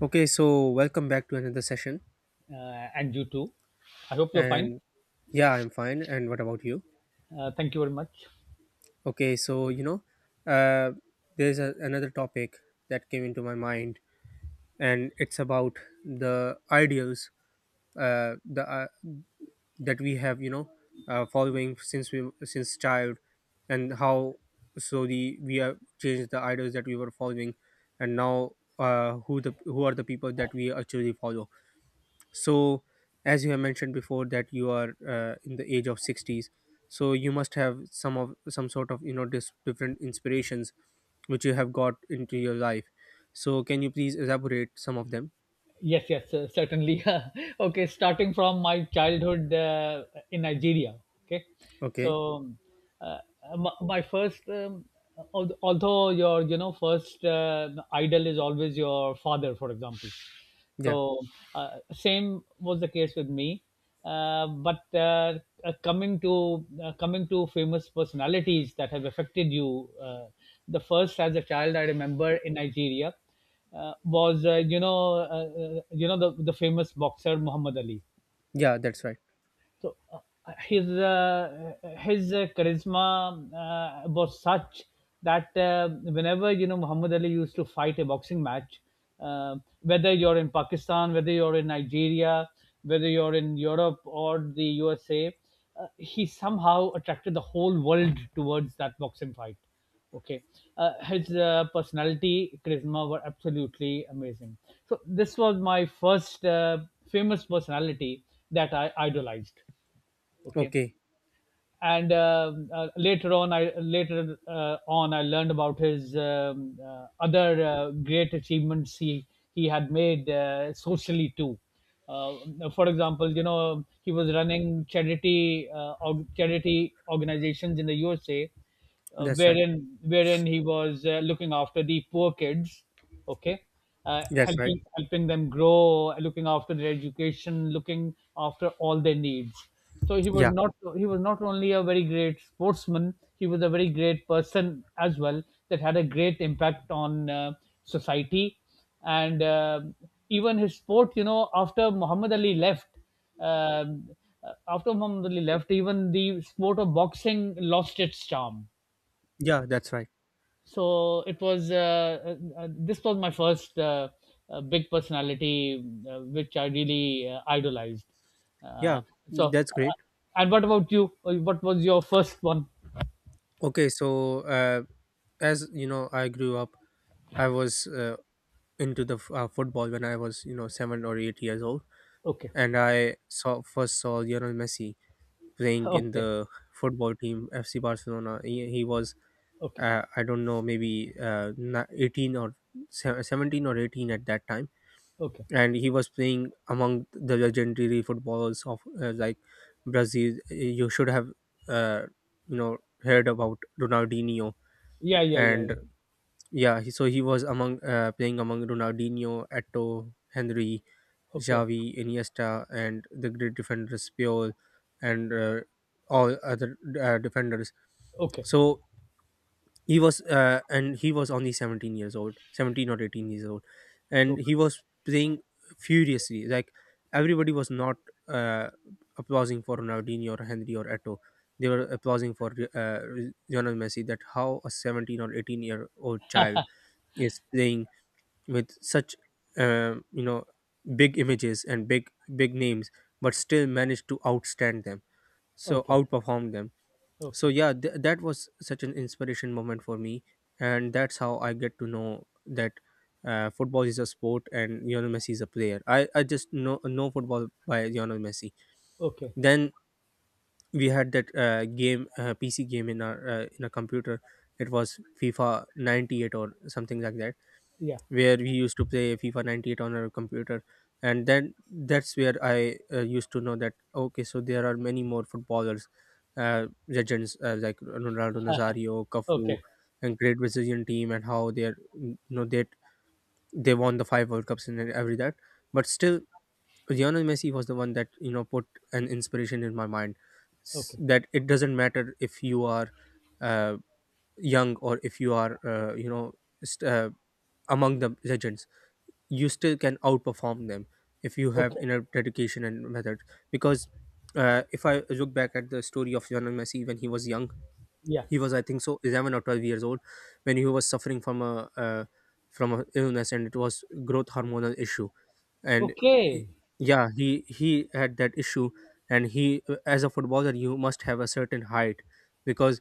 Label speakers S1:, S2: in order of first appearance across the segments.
S1: Okay, so welcome back to another session.
S2: And you too. I hope you're fine.
S1: And Yeah, I'm fine. And what about you?
S2: Thank you very much.
S1: Okay, so uh, there's another topic that came into my mind, and it's about the ideals, the that we have, following since child, and how so the we have changed the ideals that we were following, and now, who are the people that we actually follow. So as you have mentioned before that you are in the age of 60s, so you must have some sort of, different inspirations which you have got into your life. So can you please elaborate some of them?
S2: Yes, yes, certainly. Okay, Starting from my childhood in Nigeria. Okay,
S1: Okay.
S2: so uh, my first, although your first idol is always your father, for example.
S1: Yeah,
S2: So same was the case with me. But coming to famous personalities that have affected you, the first as a child I remember in Nigeria was the famous boxer Muhammad Ali.
S1: yeah, that's right.
S2: So his uh, his charisma was such that whenever Muhammad Ali used to fight a boxing match, whether you're in Pakistan, whether you're in Nigeria, whether you're in Europe or the USA, he somehow attracted the whole world towards that boxing fight. Okay, his personality, charisma were absolutely amazing. So this was my first famous personality that I idolized. Okay,
S1: Okay.
S2: and later on I learned about his other great achievements he had made socially too. Uh, for example, you know he was running charity charity organizations in the USA,
S1: That's right.
S2: wherein he was looking after the poor kids, okay,
S1: That's right.
S2: helping them grow, looking after their education, looking after all their needs. So
S1: Yeah,
S2: he was not only a very great sportsman, he was a very great person as well, that had a great impact on society. And even his sport, you know, after Muhammad Ali left, um, even the sport of boxing lost its charm.
S1: yeah, that's right.
S2: So it was this was my first big personality which I really idolized. uh,
S1: Yeah.
S2: so,
S1: That's great.
S2: and what about you? What was your first one?
S1: Okay, so, as you know, I grew up. I was into football when I was, 7 or 8 years old,
S2: Okay.
S1: and I saw first saw Lionel Messi playing in
S2: Okay.
S1: the football team FC Barcelona. He was,
S2: Okay.
S1: I don't know, maybe, 18, or 17 or 18 at that time,
S2: Okay.
S1: and he was playing among the legendary footballers of, like, Brazil. You should have, uh, heard about Ronaldinho.
S2: Yeah, yeah, yeah, yeah.
S1: And, yeah, so he was, among playing among Ronaldinho, Eto, Henry,
S2: Okay.
S1: Xavi, Iniesta, and the great defenders Puyol, and all other, defenders.
S2: Okay.
S1: So he was only 17 years old, 17 or 18 years old, and
S2: Okay.
S1: he was playing furiously. Like, everybody was not, uh, applauding for Ronaldinho or Henry or Eto. They were applauding for, uh, Lionel Messi. That, how a 17 or 18-year-old child is playing with such, um, you know big images and big names, but still managed to outstand them,
S2: Okay.
S1: outperform them. So
S2: Okay.
S1: yeah, that was such an inspiration moment for me, and that's how I get to know that, football is a sport and Lionel Messi is a player. I just know football by Lionel Messi.
S2: Okay.
S1: Then we had that, game PC game in our in a computer. It was FIFA 98 or something like that,
S2: Yeah.
S1: where we used to play FIFA 98 on our computer. And then that's where I, used to know that, okay, so there are many more footballers, legends, like Ronaldo Nazario, Cafu,
S2: Okay.
S1: and great Brazilian team, and how they're, they won the five World Cups and every that. But still, Lionel Messi was the one that, put an inspiration in my mind,
S2: Okay.
S1: that it doesn't matter if you are, uh, young, or if you are, st- uh, among the legends, you still can outperform them if you have
S2: Okay.
S1: inner dedication and method. Because, if I look back at the story of Lionel Messi when he was young,
S2: Yeah.
S1: he was, I think so, 11 or 12 years old when he was suffering from a illness, and it was growth hormonal issue. And, he-
S2: Okay.
S1: yeah, he had that issue, and he, as a footballer, you must have a certain height, because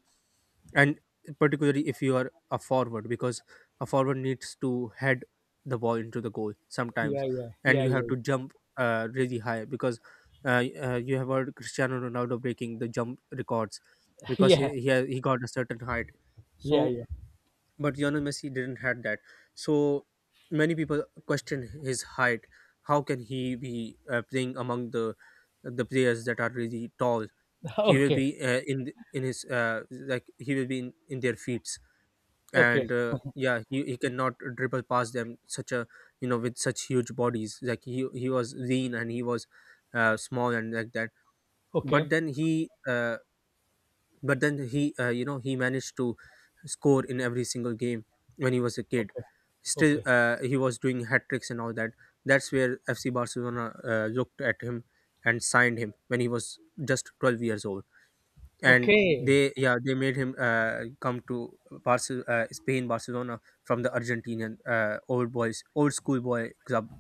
S1: and particularly if you are a forward, because a forward needs to head the ball into the goal
S2: Yeah,
S1: sometimes,
S2: yeah,
S1: and
S2: yeah,
S1: you have
S2: yeah.
S1: to jump, really high, because, you have heard Cristiano Ronaldo breaking the jump records, because
S2: Yeah,
S1: he got a certain height.
S2: yeah,
S1: so
S2: yeah.
S1: but Lionel Messi didn't had that. So many people question his height. How can he be, playing among the players that are really tall? He will
S2: okay
S1: be, in th- in his like he will be in their feet,
S2: okay.
S1: and, yeah, he cannot dribble past them, such a you know with such huge bodies. Like, he was lean, and he was, small and like that. But
S2: Okay.
S1: then he uh, but then he you know he managed to score in every single game when he was a kid.
S2: Okay.
S1: Still,
S2: Okay.
S1: he was doing hat tricks and all that. That's where FC Barcelona, looked at him and signed him when he was just 12 years old, and,
S2: Okay.
S1: they yeah, they made him, come to Spain, Barcelona, from the Argentinian, old school boy club.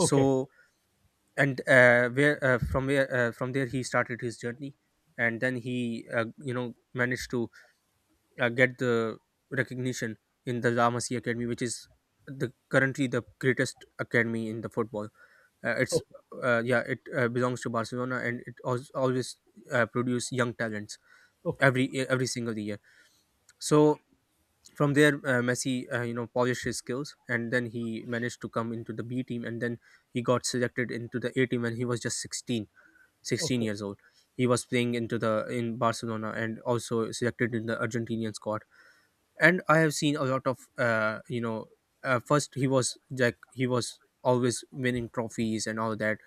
S2: Okay.
S1: and where from where from there he started his journey, and then he, managed to, get the recognition in the La Masia Academy, which is the currently the greatest academy in the football. It's
S2: Okay.
S1: Yeah, it, belongs to Barcelona, and it, always, produce young talents
S2: Okay.
S1: every single year. So from there, Messi, polished his skills, and then he managed to come into the B team, and then he got selected into the A team when he was just sixteen
S2: Okay.
S1: years old. He was playing into the in Barcelona, and also selected in the Argentinian squad. And I have seen a lot of, first he was, always winning trophies and all that.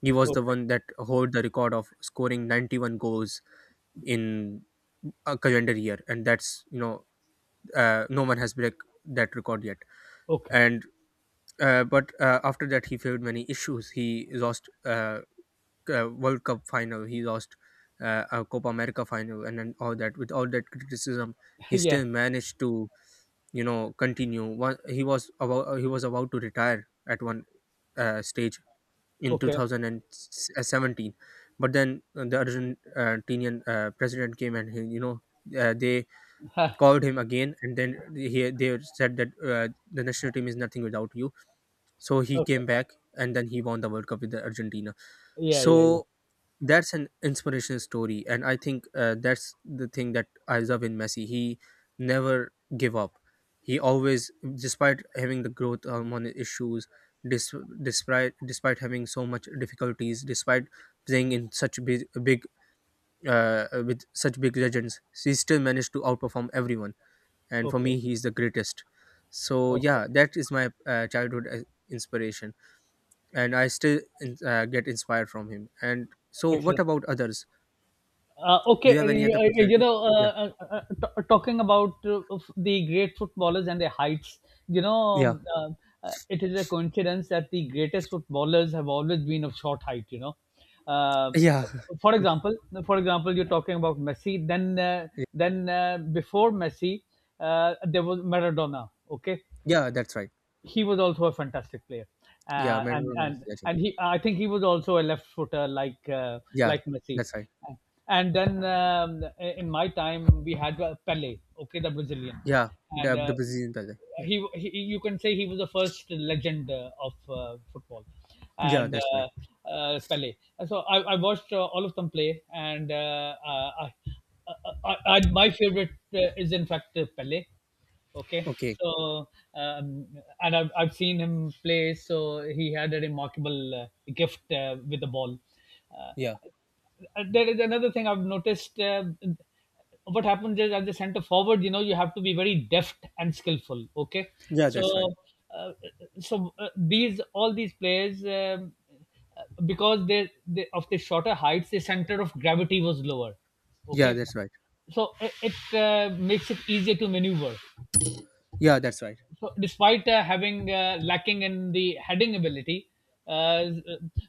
S1: He was the
S2: Okay.
S1: one that hold the record of scoring 91 goals in a calendar year, and that's, no one has break that record yet.
S2: Okay.
S1: And, but after that he faced many issues. He lost, world cup final. He lost, a Copa America final, and all that. With all that criticism, he
S2: Yeah.
S1: still managed to, continue. He was about he was about to retire at one, stage, in
S2: Okay.
S1: 2017. But then, the Argentinian, president came and, he, you know they called him again, and then he they said that, the national team is nothing without you. So he
S2: Okay.
S1: came back, and then he won the World Cup with the Argentina.
S2: Yeah. Yeah. Yeah.
S1: So that's an inspirational story, and I think, that's the thing that I love in Messi. He never give up. He always, despite having the growth hormone issues, dis- despite having so much difficulties, despite playing in such, big, big with such big legends, he still managed to outperform everyone, and for
S2: Okay.
S1: me, he's the greatest. So
S2: Okay.
S1: yeah, that is my, childhood, inspiration, and I still, get inspired from him. And so what
S2: Excellent.
S1: about others?
S2: Uh,
S1: Do
S2: okay,
S1: you have any other
S2: uh, you
S1: personality?
S2: know,
S1: Yeah.
S2: talking about of the great footballers and their heights, you know,
S1: Yeah.
S2: it is a coincidence that the greatest footballers have always been of short height. You know, uh,
S1: Yeah.
S2: for example, you're talking about Messi. Then, before Messi, there was Maradona. Okay,
S1: Y yeah, that's right.
S2: he was also a fantastic player,
S1: Yeah,
S2: and
S1: Maradona was
S2: and
S1: the legend.
S2: and he, I think he was also a left footer
S1: Yeah,
S2: like Messi.
S1: that's right.
S2: And then in my time we had Pele, okay, the Brazilian,
S1: Yeah,
S2: and
S1: the Brazilian Pele. Yeah.
S2: he, you can say he was the first legend of football,
S1: Yeah,
S2: and
S1: that's right.
S2: Pele. And so I watched all of them play, and I, I, I, my favorite is in fact Pele. Okay,
S1: Okay.
S2: so um, and I've seen him play. So he had a remarkable gift with the ball. Uh,
S1: Yeah.
S2: there is another thing I've noticed. What happens is at the center forward, you know, you have to be very deft and skillful. Okay,
S1: Yeah, that's right.
S2: so uh, these, all these players. Because they of the shorter heights, the center of gravity was lower.
S1: Yeah,
S2: Okay,
S1: that's right.
S2: so it makes it easier to maneuver.
S1: Yeah, that's right.
S2: So despite having lacking in the heading ability, uh, uh,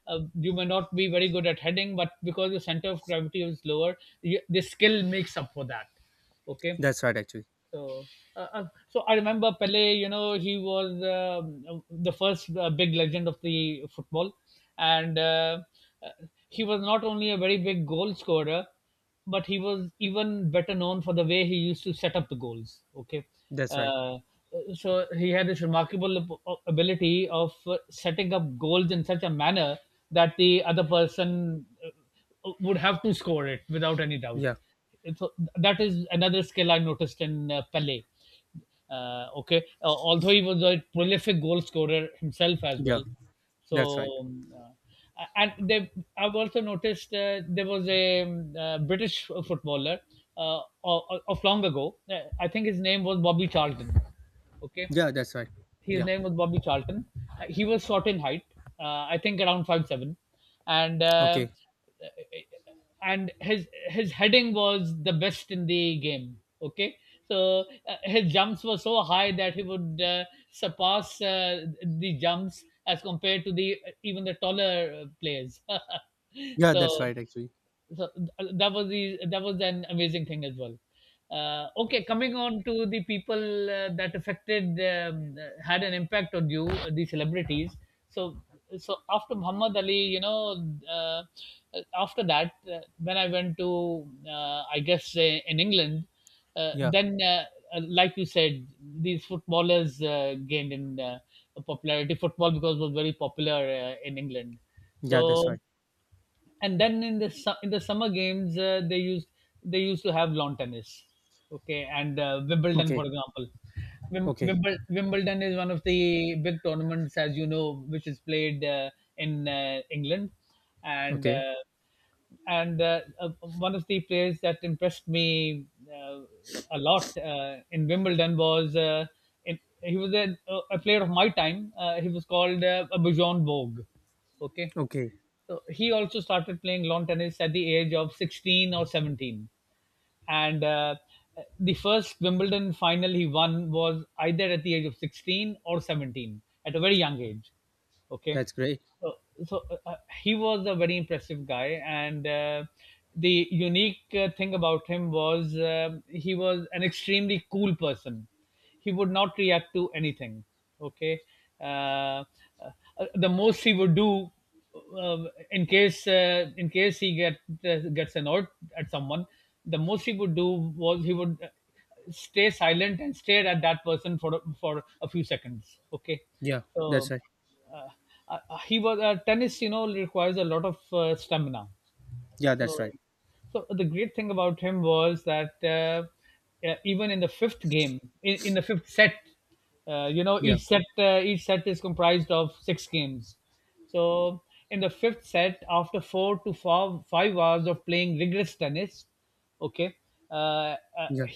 S2: you may not be very good at heading, but because the center of gravity is lower, you, the skill makes up for that. Okay,
S1: That's right actually.
S2: so, uh, uh, so I remember Pele. You know, he was the first big legend of the football, and uh, he was not only a very big goal scorer, but he was even better known for the way he used to set up the goals. Okay,
S1: That's right.
S2: uh, so he had this remarkable ability of setting up goals in such a manner that the other person would have to score it without any doubt.
S1: Yeah.
S2: it's, that is another skill I noticed in Pele. Okay, Although he was a prolific goal scorer himself as
S1: Yeah,
S2: well.
S1: that's right.
S2: So, I've also noticed there was a British footballer uh, of, of long ago. I think his name was Bobby Charlton. Okay,
S1: Yeah, that's right.
S2: his
S1: Yeah.
S2: name was Bobby Charlton. He was short in height, uh, I think around 5'7", and
S1: Okay.
S2: his heading was the best in the game. Okay, so his jumps were so high that he would surpass the jumps as compared to the even the taller players.
S1: Yeah, that's
S2: So
S1: right actually.
S2: that was the that was an amazing thing as well. Okay, coming on to the people that affected, had an impact on you, the celebrities. So, after Muhammad Ali, you know, uh, after that when I went to, I guess, in England,
S1: Yeah.
S2: then like you said, these footballers gained in popularity, football, because it was very popular in England.
S1: Yeah, that's
S2: So,
S1: right.
S2: and then in the in the summer games they used to have lawn tennis, okay, and Wimbledon,
S1: Okay.
S2: for example.
S1: Okay.
S2: Wimbledon is one of the big tournaments, as you know, which is played in England, and
S1: Okay.
S2: and uh, uh, one of the players that impressed me uh, a lot in Wimbledon was in, he was a player of my time. He was called Bijon Bogue. Okay,
S1: Okay.
S2: so he also started playing lawn tennis at the age of 16 or 17. And the first Wimbledon final he won was either at the age of 16 or 17, at a very young age. Okay,
S1: That's great.
S2: so so, uh, uh, he was a very impressive guy, and the unique thing about him was, he was an extremely cool person, he would not react to anything. Okay, uh, uh, the most he would do, uh, in case, he gets annoyed at someone, the most he would do was he would stay silent and stare at that person for a few seconds. Okay,
S1: Yeah, that's
S2: so
S1: right.
S2: uh, he was, tennis, you know, requires a lot of stamina.
S1: Yeah,
S2: So,
S1: that's right.
S2: so the great thing about him was that even in the fifth game, in the fifth set, you know,
S1: Yeah.
S2: each set is comprised of six games. So in the fifth set, after four to five, 5 hours of playing rigorous tennis, okay, uh, uh,
S1: Yeah.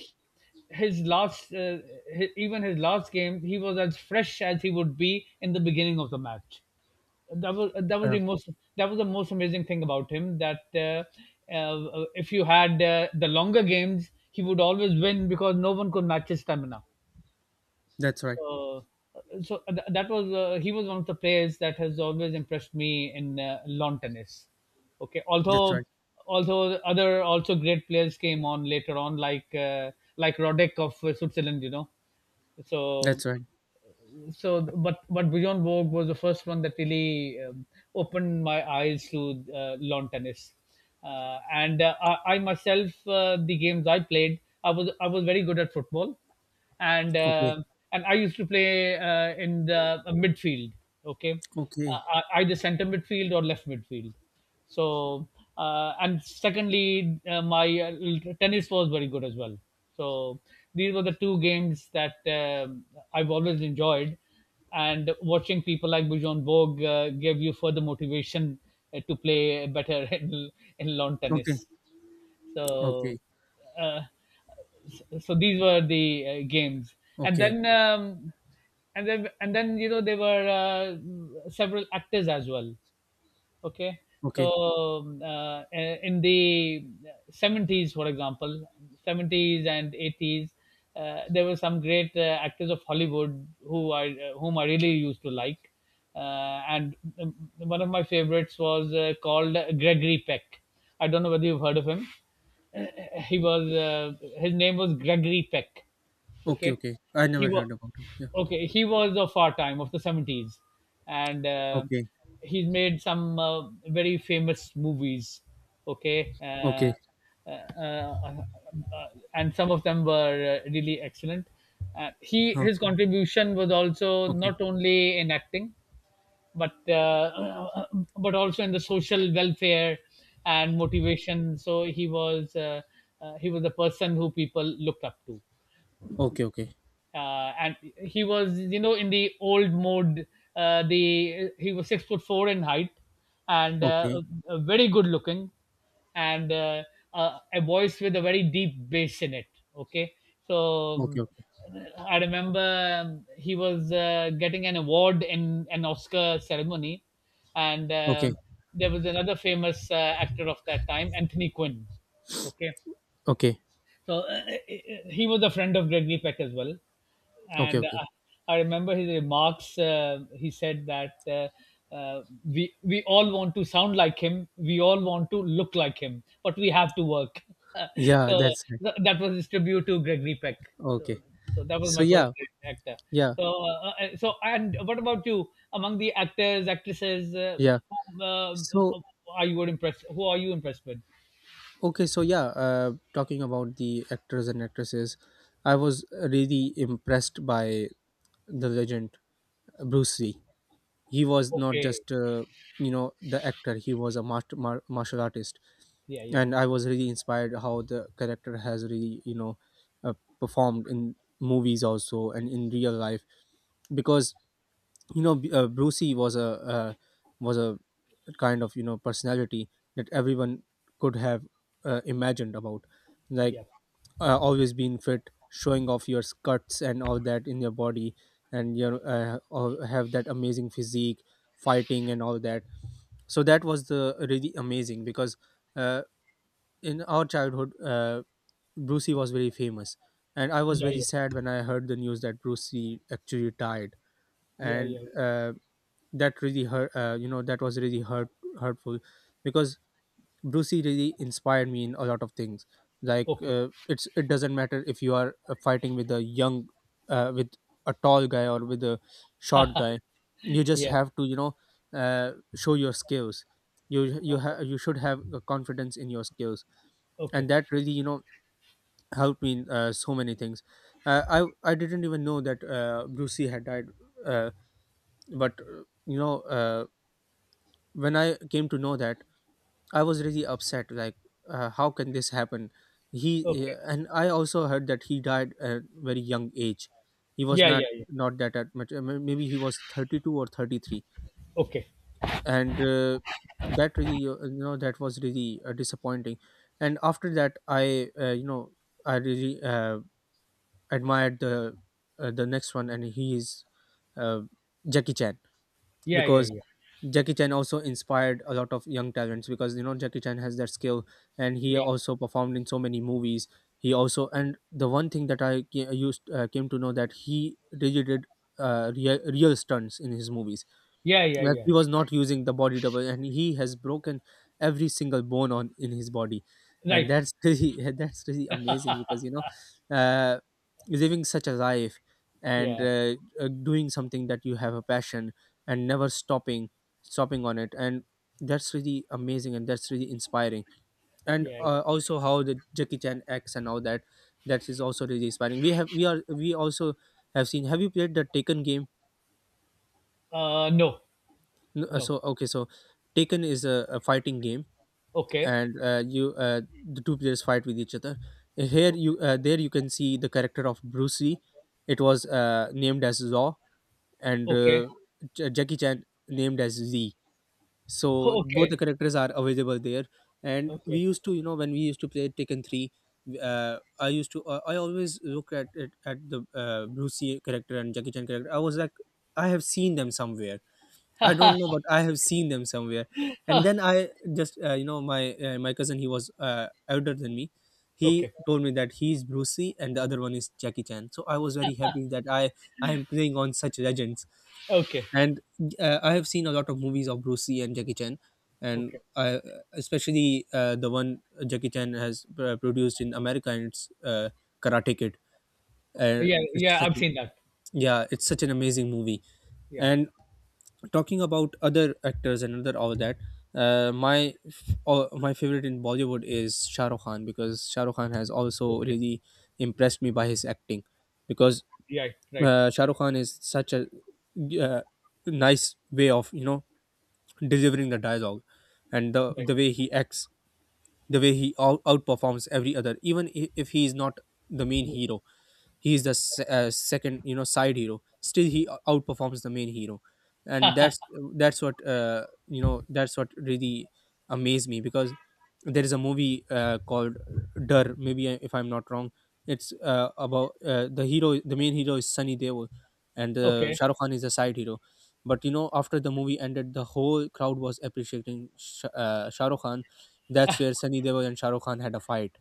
S2: his last hi even his last game, he was as fresh as he would be in the beginning of the match. That was
S1: Uh,
S2: the most, that was the most amazing thing about him, that if you had the longer games he would always win because no one could match his stamina.
S1: that's right.
S2: So that was, he was one of the players that has always impressed me in lawn tennis. Okay,
S1: That's right.
S2: although, other also great players came on later on, like Roddick of Switzerland, you know. So,
S1: That's right.
S2: but Bjorn Borg was the first one that really opened my eyes to lawn tennis. And I myself, the games I played, I was very good at football, and
S1: Okay.
S2: I used to play in the midfield, okay,
S1: Okay.
S2: I, either center midfield or left midfield. So and secondly, my tennis was very good as well. So these were the two games that I've always enjoyed, and watching people like Bujon Borg gave you further motivation to play better in lawn
S1: Okay.
S2: tennis. So.
S1: Okay.
S2: Uh, so these were the games, and
S1: Okay.
S2: then and then, you know, there were several actors as well. Okay, so
S1: Okay.
S2: in the 70s, for example, 70s and 80s, there were some great actors of Hollywood who I whom I really used to like, uh, and one of my favorites was called Gregory Peck. I don't know whether you've heard of him. uh, he was, his name was Gregory Peck.
S1: Okay.
S2: Okay,
S1: Okay. I
S2: he
S1: never
S2: was
S1: heard about it. Yeah.
S2: okay. He was of our time, of the 70s, and
S1: Okay.
S2: he's made some very famous movies. Okay,
S1: Okay.
S2: uh, uh, uh, uh, and some of them were really excellent. He
S1: Huh.
S2: his contribution was also
S1: Okay.
S2: not only in acting, but uh, uh, but also in the social welfare and motivation. So he was the person who people looked up to,
S1: Okay. Okay.
S2: and he was, in the old mode. Uh, the he was 6'4" in height, and uh,
S1: Okay.
S2: uh, very good looking, and a voice with a very deep bass in it. Okay. so
S1: Okay.
S2: um, I remember, he was getting an award in an Oscar ceremony, and
S1: Okay. Okay.
S2: um there was another famous actor of that time, Anthony Quinn. Okay.
S1: Okay.
S2: So he was a friend of Gregory Peck as well,
S1: Okay.
S2: and
S1: Okay.
S2: uh, I remember his remarks. He said that, we all want to sound like him, we all want to look like him, but we have to work.
S1: Yeah.
S2: so
S1: That's right.
S2: th- that was his tribute to Gregory Peck. So,
S1: Okay.
S2: so that was
S1: So
S2: my first
S1: yeah.
S2: actor.
S1: Yeah.
S2: So and what about you? Among the actors, actresses,
S1: Yeah.
S2: whom,
S1: So
S2: uh, are you impressed? Who are you impressed with?
S1: okay. So yeah. Talking about the actors and actresses, I was really impressed by the legend Bruce Lee. He was not
S2: Okay.
S1: just, the actor. He was a master, martial artist.
S2: Yeah, yeah,
S1: And I was really inspired how the character has really, uh, performed in movies also and in real life, because, Brucey uh, was a kind of, personality that everyone could have, imagined about, like,
S2: yeah,
S1: always being fit, showing off your cuts and all that in your body, and, have that amazing physique, fighting and all that. So that was the really amazing because, uh, in our childhood, Bruce Lee was very famous, and I was
S2: yeah,
S1: very
S2: yeah.
S1: sad when I heard the news that Bruce Lee actually died.
S2: Yeah,
S1: And,
S2: yeah.
S1: that really hurt. That was really hurtful, because Brucey really inspired me in a lot of things. Like,
S2: Okay.
S1: it doesn't matter if you are, fighting with a young, with a tall guy, or with a short guy. You just
S2: Yeah.
S1: have to, show your skills.
S2: Okay.
S1: You should have a confidence in your skills, and
S2: Okay.
S1: that really, helped me in, so many things. I didn't even know that, Brucey had died, uh, but, when I came to know that, I was really upset. Like, how can this happen? He
S2: Okay.
S1: and I also heard that he died at very young age. He was
S2: Yeah, yeah, yeah.
S1: not that at much. Maybe he was 32 or 33,
S2: Okay.
S1: and, that really, that was really, disappointing. And after that, I you know I really admired the next one, and he is uh, Jackie Chan
S2: Yeah, yeah,
S1: because
S2: yeah.
S1: Jackie Chan also inspired a lot of young talents because you know Jackie Chan has that skill and he
S2: Yeah.
S1: also performed in so many movies. He also, and the one thing that I ca- used came to know, that he really did real stunts in his movies,
S2: Yeah, yeah,
S1: like
S2: yeah.
S1: he was not using the body double, and he has broken every single bone on in his body, and
S2: Right.
S1: that's really that's really amazing because you know, uh, living such a life and
S2: Yeah.
S1: doing something that you have a passion and never stopping on it, and that's really amazing and that's really inspiring. And
S2: Yeah. Yeah.
S1: also how the Jackie Chan acts and all that, that is also really inspiring. We also have seen. Have you played the Taken game?
S2: No.
S1: No,
S2: No.
S1: so okay, so Taken is a fighting game,
S2: Okay.
S1: and you the two players fight with each other. Here, you there you can see the character of Bruce Lee. It was named as Zaw, and
S2: Okay.
S1: Jackie Chan named as Z. So both
S2: Okay.
S1: the characters are available there. And we
S2: Okay.
S1: used to, when we used to play Taken Three, I used to I always look at the Bruce Lee character and Jackie Chan character. I was like, I have seen them somewhere, I don't know, but I have seen them somewhere. And
S2: Huh.
S1: then I just, you know, my my cousin, he was older than me. He
S2: Okay.
S1: told me that he's Bruce Lee and the other one is Jackie Chan. So I was very happy that I am playing on such legends.
S2: Okay.
S1: And I have seen a lot of movies of Bruce Lee and Jackie Chan, and
S2: Okay.
S1: especially the one Jackie Chan has produced in America, and it's Karate Kid. And
S2: Yeah,
S1: it's
S2: yeah,
S1: such,
S2: I've seen that.
S1: yeah, it's such an amazing movie,
S2: Yeah.
S1: and talking about other actors and other all that, my favorite in Bollywood is Shah Rukh Khan because Shah Rukh Khan has also
S2: Okay.
S1: really impressed me by his acting, because
S2: Yeah, right.
S1: Shah Rukh Khan is such a uh, nice way of, delivering the dialogue, and the
S2: Right.
S1: the way he acts, the way he outperforms every other, even if he is not the main hero, he is the second, side hero, still he outperforms the main hero, and that's what you know that's what really amazed me, because there is a movie called Dur, maybe, if I'm not wrong, it's about, the hero, the main hero is Sunny Deol, and
S2: Okay.
S1: Shah Rukh Khan is the side hero. But after the movie ended, the whole crowd was appreciating Shah Rukh Khan. That's where Sunny Deol and Shah Rukh Khan had a fight,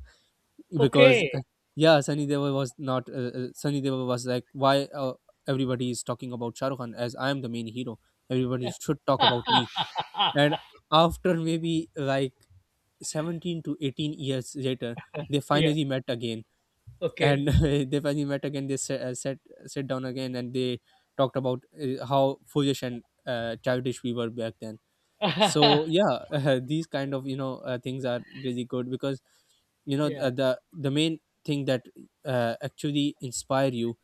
S1: because
S2: Okay.
S1: yeah, Sunny Deol was not, Sunny Deol was like, why everybody is talking about shahrukh khan, as I am the main hero, everybody should talk about me. And after, maybe, like, 17 to 18 years later, they
S2: Yeah.
S1: finally met again,
S2: Okay.
S1: and they finally met again, they sat down again, and they talked about how foolish and childish we were back then. So yeah, these kind of, things are really good, because
S2: Yeah.
S1: the main thing that actually inspire you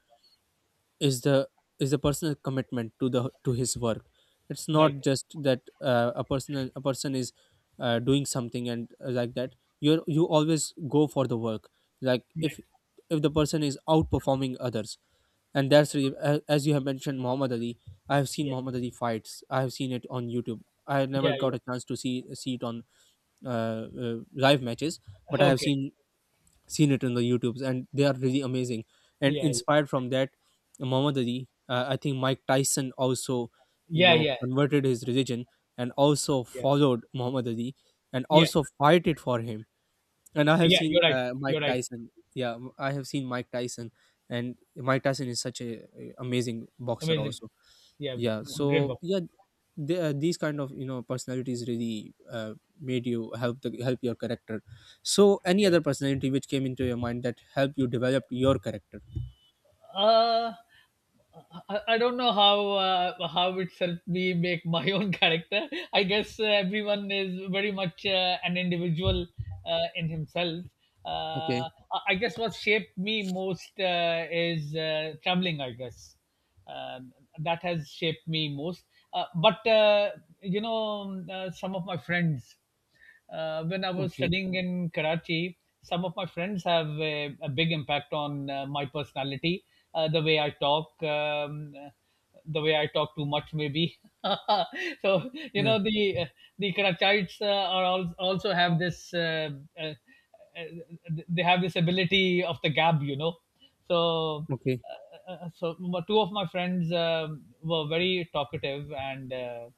S1: is the personal commitment to his work. It's
S2: Right.
S1: not just that a person is doing something and like that, you always go for the work, like, if
S2: Right.
S1: the person is outperforming others, and that's really, as you have mentioned, Muhammad Ali. I have seen
S2: Yeah.
S1: Muhammad Ali fights, I have seen it on YouTube, I never
S2: Yeah, yeah.
S1: got a chance to see it on live matches, but I have
S2: Okay.
S1: seen it on the YouTubes and they are really amazing, and
S2: Yeah, yeah.
S1: inspired from that, Muhammad Ali. I think Mike Tyson also,
S2: Yeah, yeah.
S1: converted his religion and also
S2: Yeah.
S1: followed Muhammad Ali and
S2: Yeah,
S1: also fighted for him, and I have
S2: yeah,
S1: seen
S2: you're right. You're
S1: Mike
S2: right.
S1: Tyson. Yeah, I have seen Mike Tyson, and Mike Tyson is such a amazing boxer.
S2: Amazing.
S1: Also,
S2: Yeah,
S1: yeah.
S2: great
S1: So
S2: book.
S1: yeah, these kind of, personalities really, made you, help the help your character. So any
S2: Yeah.
S1: other personality which came into your mind that helped you develop your character?
S2: Uh, I don't know how, how it's helped me make my own character. I guess everyone is very much an individual, in himself. Uh,
S1: Okay.
S2: I guess what shaped me most, is traveling. I guess, um, that has shaped me most. But, you know, some of my friends. When I was
S1: Okay.
S2: studying in Karachi, some of my friends have a big impact on my personality, the way I talk, the way I talk too much, maybe. so you
S1: Yeah.
S2: know the, the Karachites, are, also have this. Uh, uh, they have this ability of the gab. So
S1: Okay.
S2: so two of my friends, were very talkative and,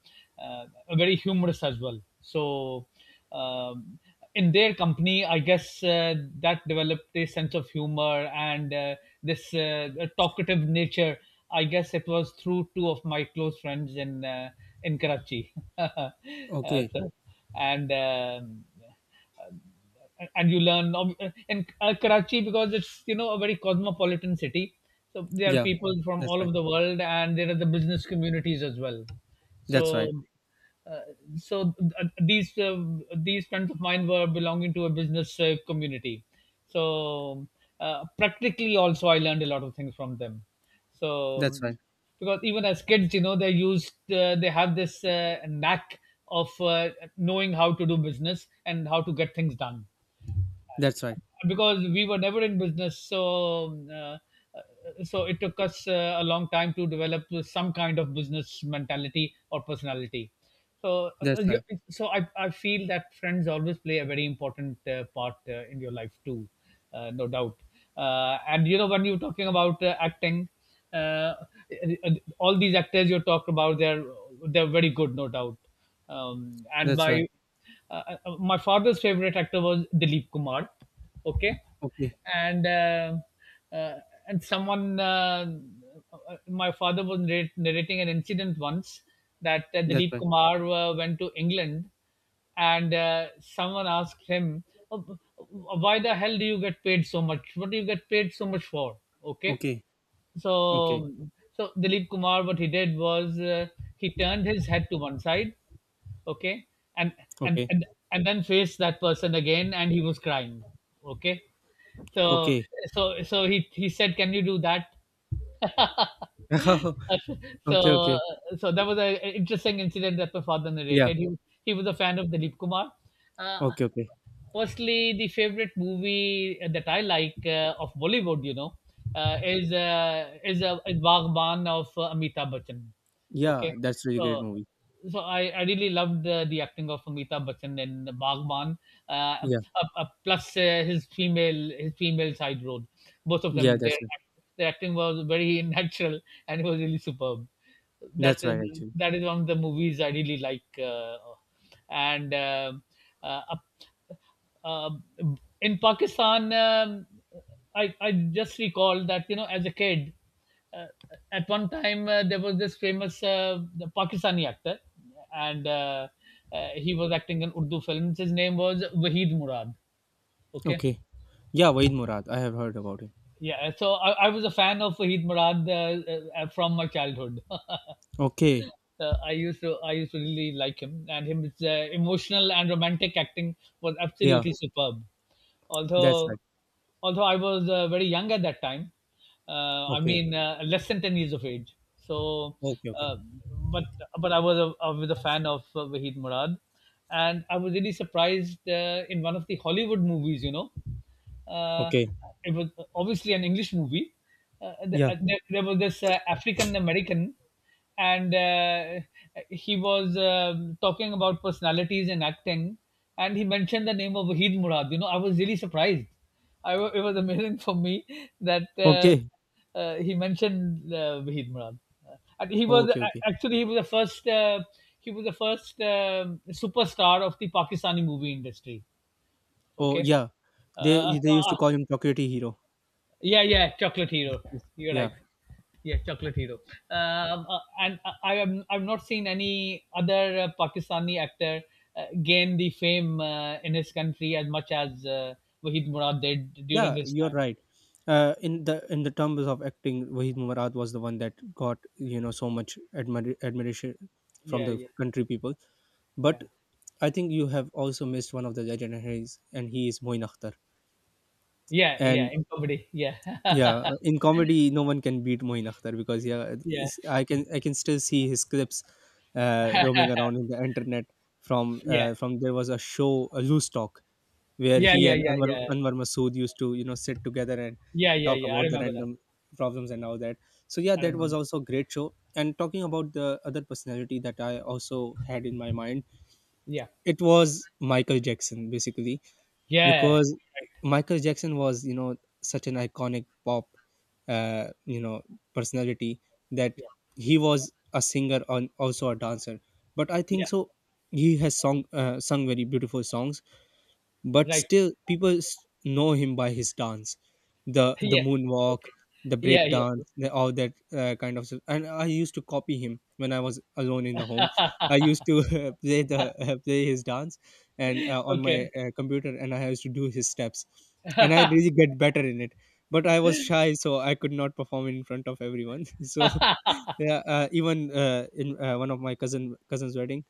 S2: uh, very humorous as well. Um, in their company, I guess that developed a sense of humor and this talkative nature. I guess it was through two of my close friends in, in Karachi.
S1: Okay.
S2: So, and um, and you learn, in Karachi, because it's, a very cosmopolitan city. So there are
S1: Yeah.
S2: people from
S1: That's
S2: all
S1: right.
S2: over the world, and there are the business communities as well.
S1: That's right.
S2: So, uh, so uh, these uh, these friends of mine were belonging to a business community. So, practically, also I learned a lot of things from them. So
S1: That's right.
S2: um, because even as kids, they have this knack of, knowing how to do business and how to get things done,
S1: That's right.
S2: because we were never in business. So it took us a long time to develop some kind of business mentality or personality. so uh, uh,
S1: That's
S2: you-
S1: right.
S2: so I, I feel that friends always play a very important part in your life too, no doubt. And when you're talking about acting, uh, all these actors you talk about, they're very good, no doubt. um, and
S1: That's right.
S2: my uh, uh, my father's favorite actor was Dilip Kumar. Okay.
S1: Okay.
S2: And uh, uh, and someone, my father was narrating an incident once, that
S1: That's
S2: Dilip
S1: right.
S2: Kumar went to England, and someone asked him, "Oh, why the hell do you get paid so much? What do you get paid so much for?" Okay.
S1: Okay. Okay.
S2: So so Dilip Kumar, what he did was, he turned his head to one side. Okay. and and
S1: Okay.
S2: and and then faced that person again, and he was crying. Okay. so
S1: Okay.
S2: so so he he said, "Can you do that?"
S1: Okay,
S2: so
S1: okay.
S2: so that was an interesting incident that my father
S1: Yeah.
S2: narrated. He was a fan of Dilip Kumar. Uh,
S1: Okay, okay.
S2: Personally, the favorite movie that I like, of Bollywood, is Baagban of, Amitabh Bachchan.
S1: Yeah,
S2: Okay.
S1: that's really great
S2: so
S1: movie.
S2: so I, I really loved the acting of Amitabh Bachchan in Baagban. uh, uh,
S1: Yeah.
S2: Plus, his female side role. Both of
S1: Yeah,
S2: them,
S1: that's
S2: their
S1: it.
S2: their acting was very natural, and it was really superb. That
S1: That's
S2: is
S1: right actually.
S2: that is one of the movies I really like. And uh, um in Pakistan, I just recall that, you know, as a kid, uh, at one time, there was this famous, the Pakistani actor, and he was acting in Urdu films. His name was Wahid Murad. Okay.
S1: Okay. Yeah, Waid Murad. I have heard about him.
S2: Yeah. So I was a fan of Wahid Murad, from my childhood.
S1: Okay.
S2: I used to really like him, and his emotional and romantic acting was
S1: Yeah,
S2: absolutely superb.
S1: that's
S2: although
S1: right.
S2: although I was very young at that time. I
S1: Okay.
S2: mean, less than 10 years of age. So,
S1: Okay, okay.
S2: uh, but but I was a fan of Wahid Murad, and I was really surprised, in one of the Hollywood movies. You know, uh,
S1: Okay.
S2: it was obviously an English movie. Uh, th-
S1: Yeah.
S2: uh, there, there was this African American, and he was, talking about personalities and acting, and he mentioned the name of Wahid Murad. You know, I was really surprised. It was amazing for me that,
S1: Okay.
S2: he mentioned Wahid Murad. Uh, and he was
S1: Okay,
S2: uh,
S1: okay.
S2: actually he was the first he was the first superstar of the Pakistani movie industry.
S1: Oh,
S2: Okay.
S1: yeah.
S2: uh,
S1: They
S2: so
S1: they used to
S2: uh,
S1: call him chocolatey hero.
S2: yeah, yeah, Chocolate Hero.
S1: Yes.
S2: You're
S1: Yeah.
S2: right. Yeah, Chocolate Hero. And I am I've not seen any other Pakistani actor gain the fame in his country as much as, Wahid Murad did during
S1: Yeah,
S2: his
S1: you're
S2: time.
S1: right. In the terms of acting, Wahid Murad was the one that got, so much admiration from
S2: Yeah,
S1: the
S2: yeah,
S1: country people. But
S2: yeah,
S1: I think you have also missed one of the legendaries, and he is Moin Akhtar.
S2: yeah, yeah.
S1: And
S2: In comedy, yeah.
S1: yeah, in comedy, no one can beat Moin Akhtar, because yeah,
S2: Yeah,
S1: I can still see his clips roaming around in the internet.
S2: yeah,
S1: From There was a show, a loose talk, where
S2: yeah,
S1: he
S2: yeah,
S1: and
S2: yeah,
S1: Anwar
S2: yeah,
S1: Anwar Masood used to, sit together and
S2: yeah, yeah,
S1: talk
S2: yeah. I
S1: about the
S2: remember that.
S1: random problems and all that. So yeah,
S2: I
S1: that was
S2: remember.
S1: also a great show. And talking about the other personality that I also had in my mind,
S2: Yeah,
S1: it was Michael Jackson, basically,
S2: yeah, right.
S1: because Michael Jackson was, such an iconic pop, uh, you know personality, that
S2: Yeah,
S1: he was a singer and also a dancer, but I
S2: yeah,
S1: think so, he has song sung very beautiful songs, but
S2: right.
S1: still people know him by his dance, the the
S2: Yeah.
S1: moonwalk,
S2: Okay.
S1: the
S2: Yeah,
S1: break
S2: yeah.
S1: dance, all that kind of stuff, and I used to copy him when I was alone in the home. I used to play the play his dance, and on my
S2: Okay.
S1: computer, and I used to do his steps, and I really get better in it, but I was shy so I could not perform in front of everyone. So yeah, even in one of my cousin's wedding,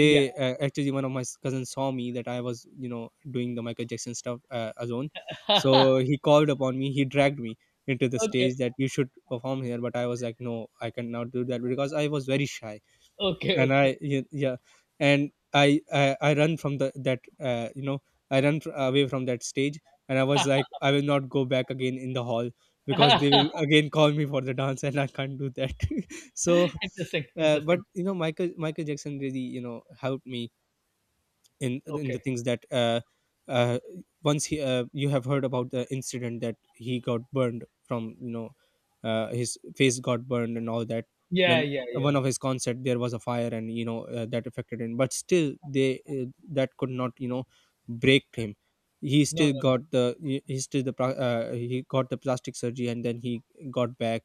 S2: Yeah.
S1: actually, one of my cousins saw me that I was, doing the Michael Jackson stuff, alone, so he called upon me, he dragged me into the
S2: Okay.
S1: stage that you should perform here, but I was like, no, I cannot do that because I was very shy,
S2: Okay,
S1: and
S2: okay.
S1: yeah, and I run from the, that, I run away from that stage, and I was like, I will not go back again in the hall, because they will again call me for the dance, and I can't do that. So
S2: Interesting,
S1: but
S2: interesting.
S1: Michael Jackson really, helped me in the
S2: Okay.
S1: things that, uh, once he you have heard about the incident that he got burned from, his face got burned and all that,
S2: Yeah,
S1: when
S2: yeah, yeah.
S1: one of his concert there was a fire, and, that affected him, but still they that could not, break him. He
S2: No,
S1: still
S2: no, no.
S1: got the, he still the, he got the plastic surgery, and then he got back,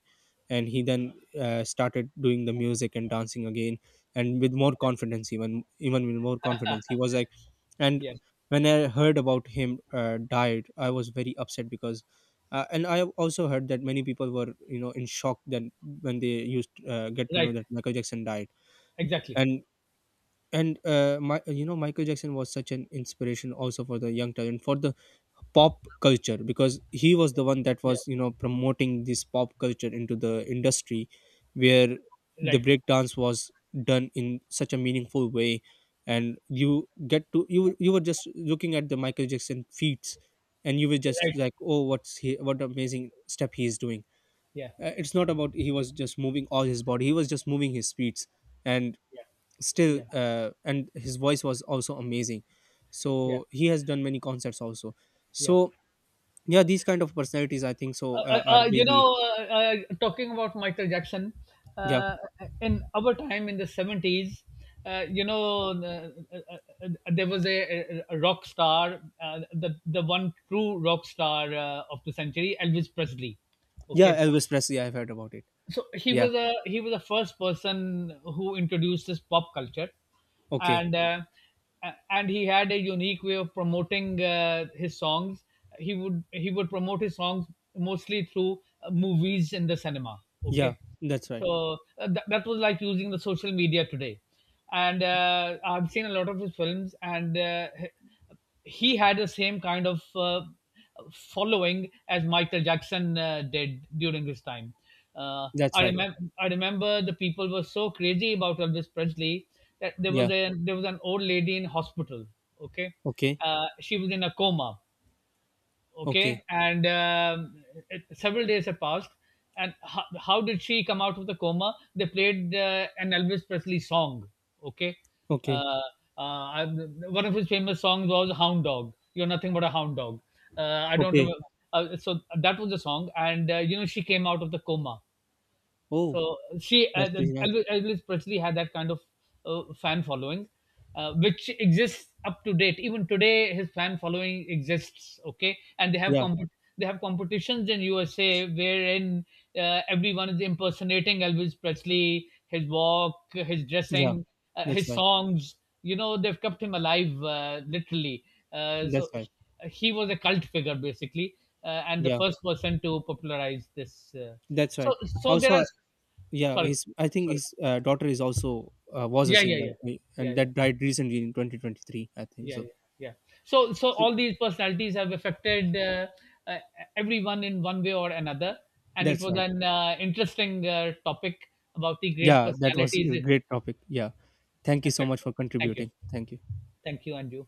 S1: and he then, started doing the music and dancing again, and with more confidence, even with more confidence he was. And
S2: Yeah.
S1: when I heard about him died, I was very upset, because, and I have also heard that many people were, in shock, that when they used, get to know
S2: Right.
S1: that Michael Jackson died.
S2: Exactly.
S1: and and my, Michael Jackson was such an inspiration also for the young talent, for the pop culture, because he was the one that
S2: Yeah.
S1: was, promoting this pop culture into the industry, where the
S2: Right.
S1: breakdance was done in such a meaningful way, and you get to you were just looking at the Michael Jackson feats, and you were just
S2: Right.
S1: like, oh, what amazing step he is doing.
S2: Yeah.
S1: It's not about he was just moving all his body, he was just moving his feet, and
S2: Yeah.
S1: still,
S2: Yeah.
S1: and his voice was also amazing.
S2: Yeah.
S1: So he has done many concerts also.
S2: Yeah.
S1: So yeah, these kind of personalities, I think so,
S2: Uh, uh,
S1: are
S2: uh, you
S1: really,
S2: know, uh, uh, Talking about Michael Jackson,
S1: yeah.
S2: uh, in our time in the 70s, uh, you know, the- uh, uh, there was a rock star, the one true rock star, of the century, Elvis Presley.
S1: Yeah,
S2: Okay.
S1: Elvis Presley, I've heard about it.
S2: so he
S1: Yeah.
S2: was a he was the first person who introduced this pop culture,
S1: Okay.
S2: and uh, and he had a unique way of promoting his songs. He would promote his songs mostly through movies in the cinema.
S1: Yeah.
S2: Okay.
S1: That's right.
S2: So that was like using the social media today, and I've seen a lot of his films, and he had the same kind of following as Michael Jackson did during his time. Uh,
S1: That's
S2: I
S1: right.
S2: remember, I remember the people were so crazy about Elvis Presley that there
S1: Yeah.
S2: was a there was an old lady in hospital. Okay.
S1: Okay.
S2: She was in a coma. Okay.
S1: Okay.
S2: And, several days have passed, and how did she come out of the coma? They played an Elvis Presley song. Okay.
S1: Okay.
S2: uh, I One of his famous songs was "Hound Dog", you're nothing but a hound dog. I don't
S1: Okay.
S2: remember. So that was the song, and she came out of the coma.
S1: Oh,
S2: So
S1: that's really nice.
S2: Elvis Presley had that kind of fan following, which exists up to date. Even today, his fan following exists. Okay, and they have
S1: Yeah.
S2: they have competitions in USA, wherein everyone is impersonating Elvis Presley, his walk, his
S1: Yeah,
S2: dressing,
S1: that's
S2: his
S1: right.
S2: songs. You know, they've kept him alive, literally. Uh,
S1: That's
S2: so
S1: right.
S2: he, he was a cult figure, basically, and the
S1: Yeah,
S2: first person to popularize this. Uh,
S1: that's
S2: so
S1: right.
S2: so there
S1: Also,
S2: are...
S1: yeah,
S2: sorry,
S1: his, I think
S2: sorry.
S1: his daughter is also, was a
S2: Yeah, yeah,
S1: singer.
S2: yeah, yeah.
S1: And
S2: Yeah,
S1: that died recently in 2023, I think
S2: yeah,
S1: so.
S2: yeah, yeah. So
S1: So
S2: all these personalities have affected, uh, everyone in one way or another, and it
S1: that's
S2: was
S1: right.
S2: an, interesting topic about the great
S1: Yeah, that was a
S2: personalities
S1: great topic. Yeah, thank you so much
S2: affecting.
S1: for
S2: Thank you.
S1: contributing. Thank you.
S2: Thank you and you.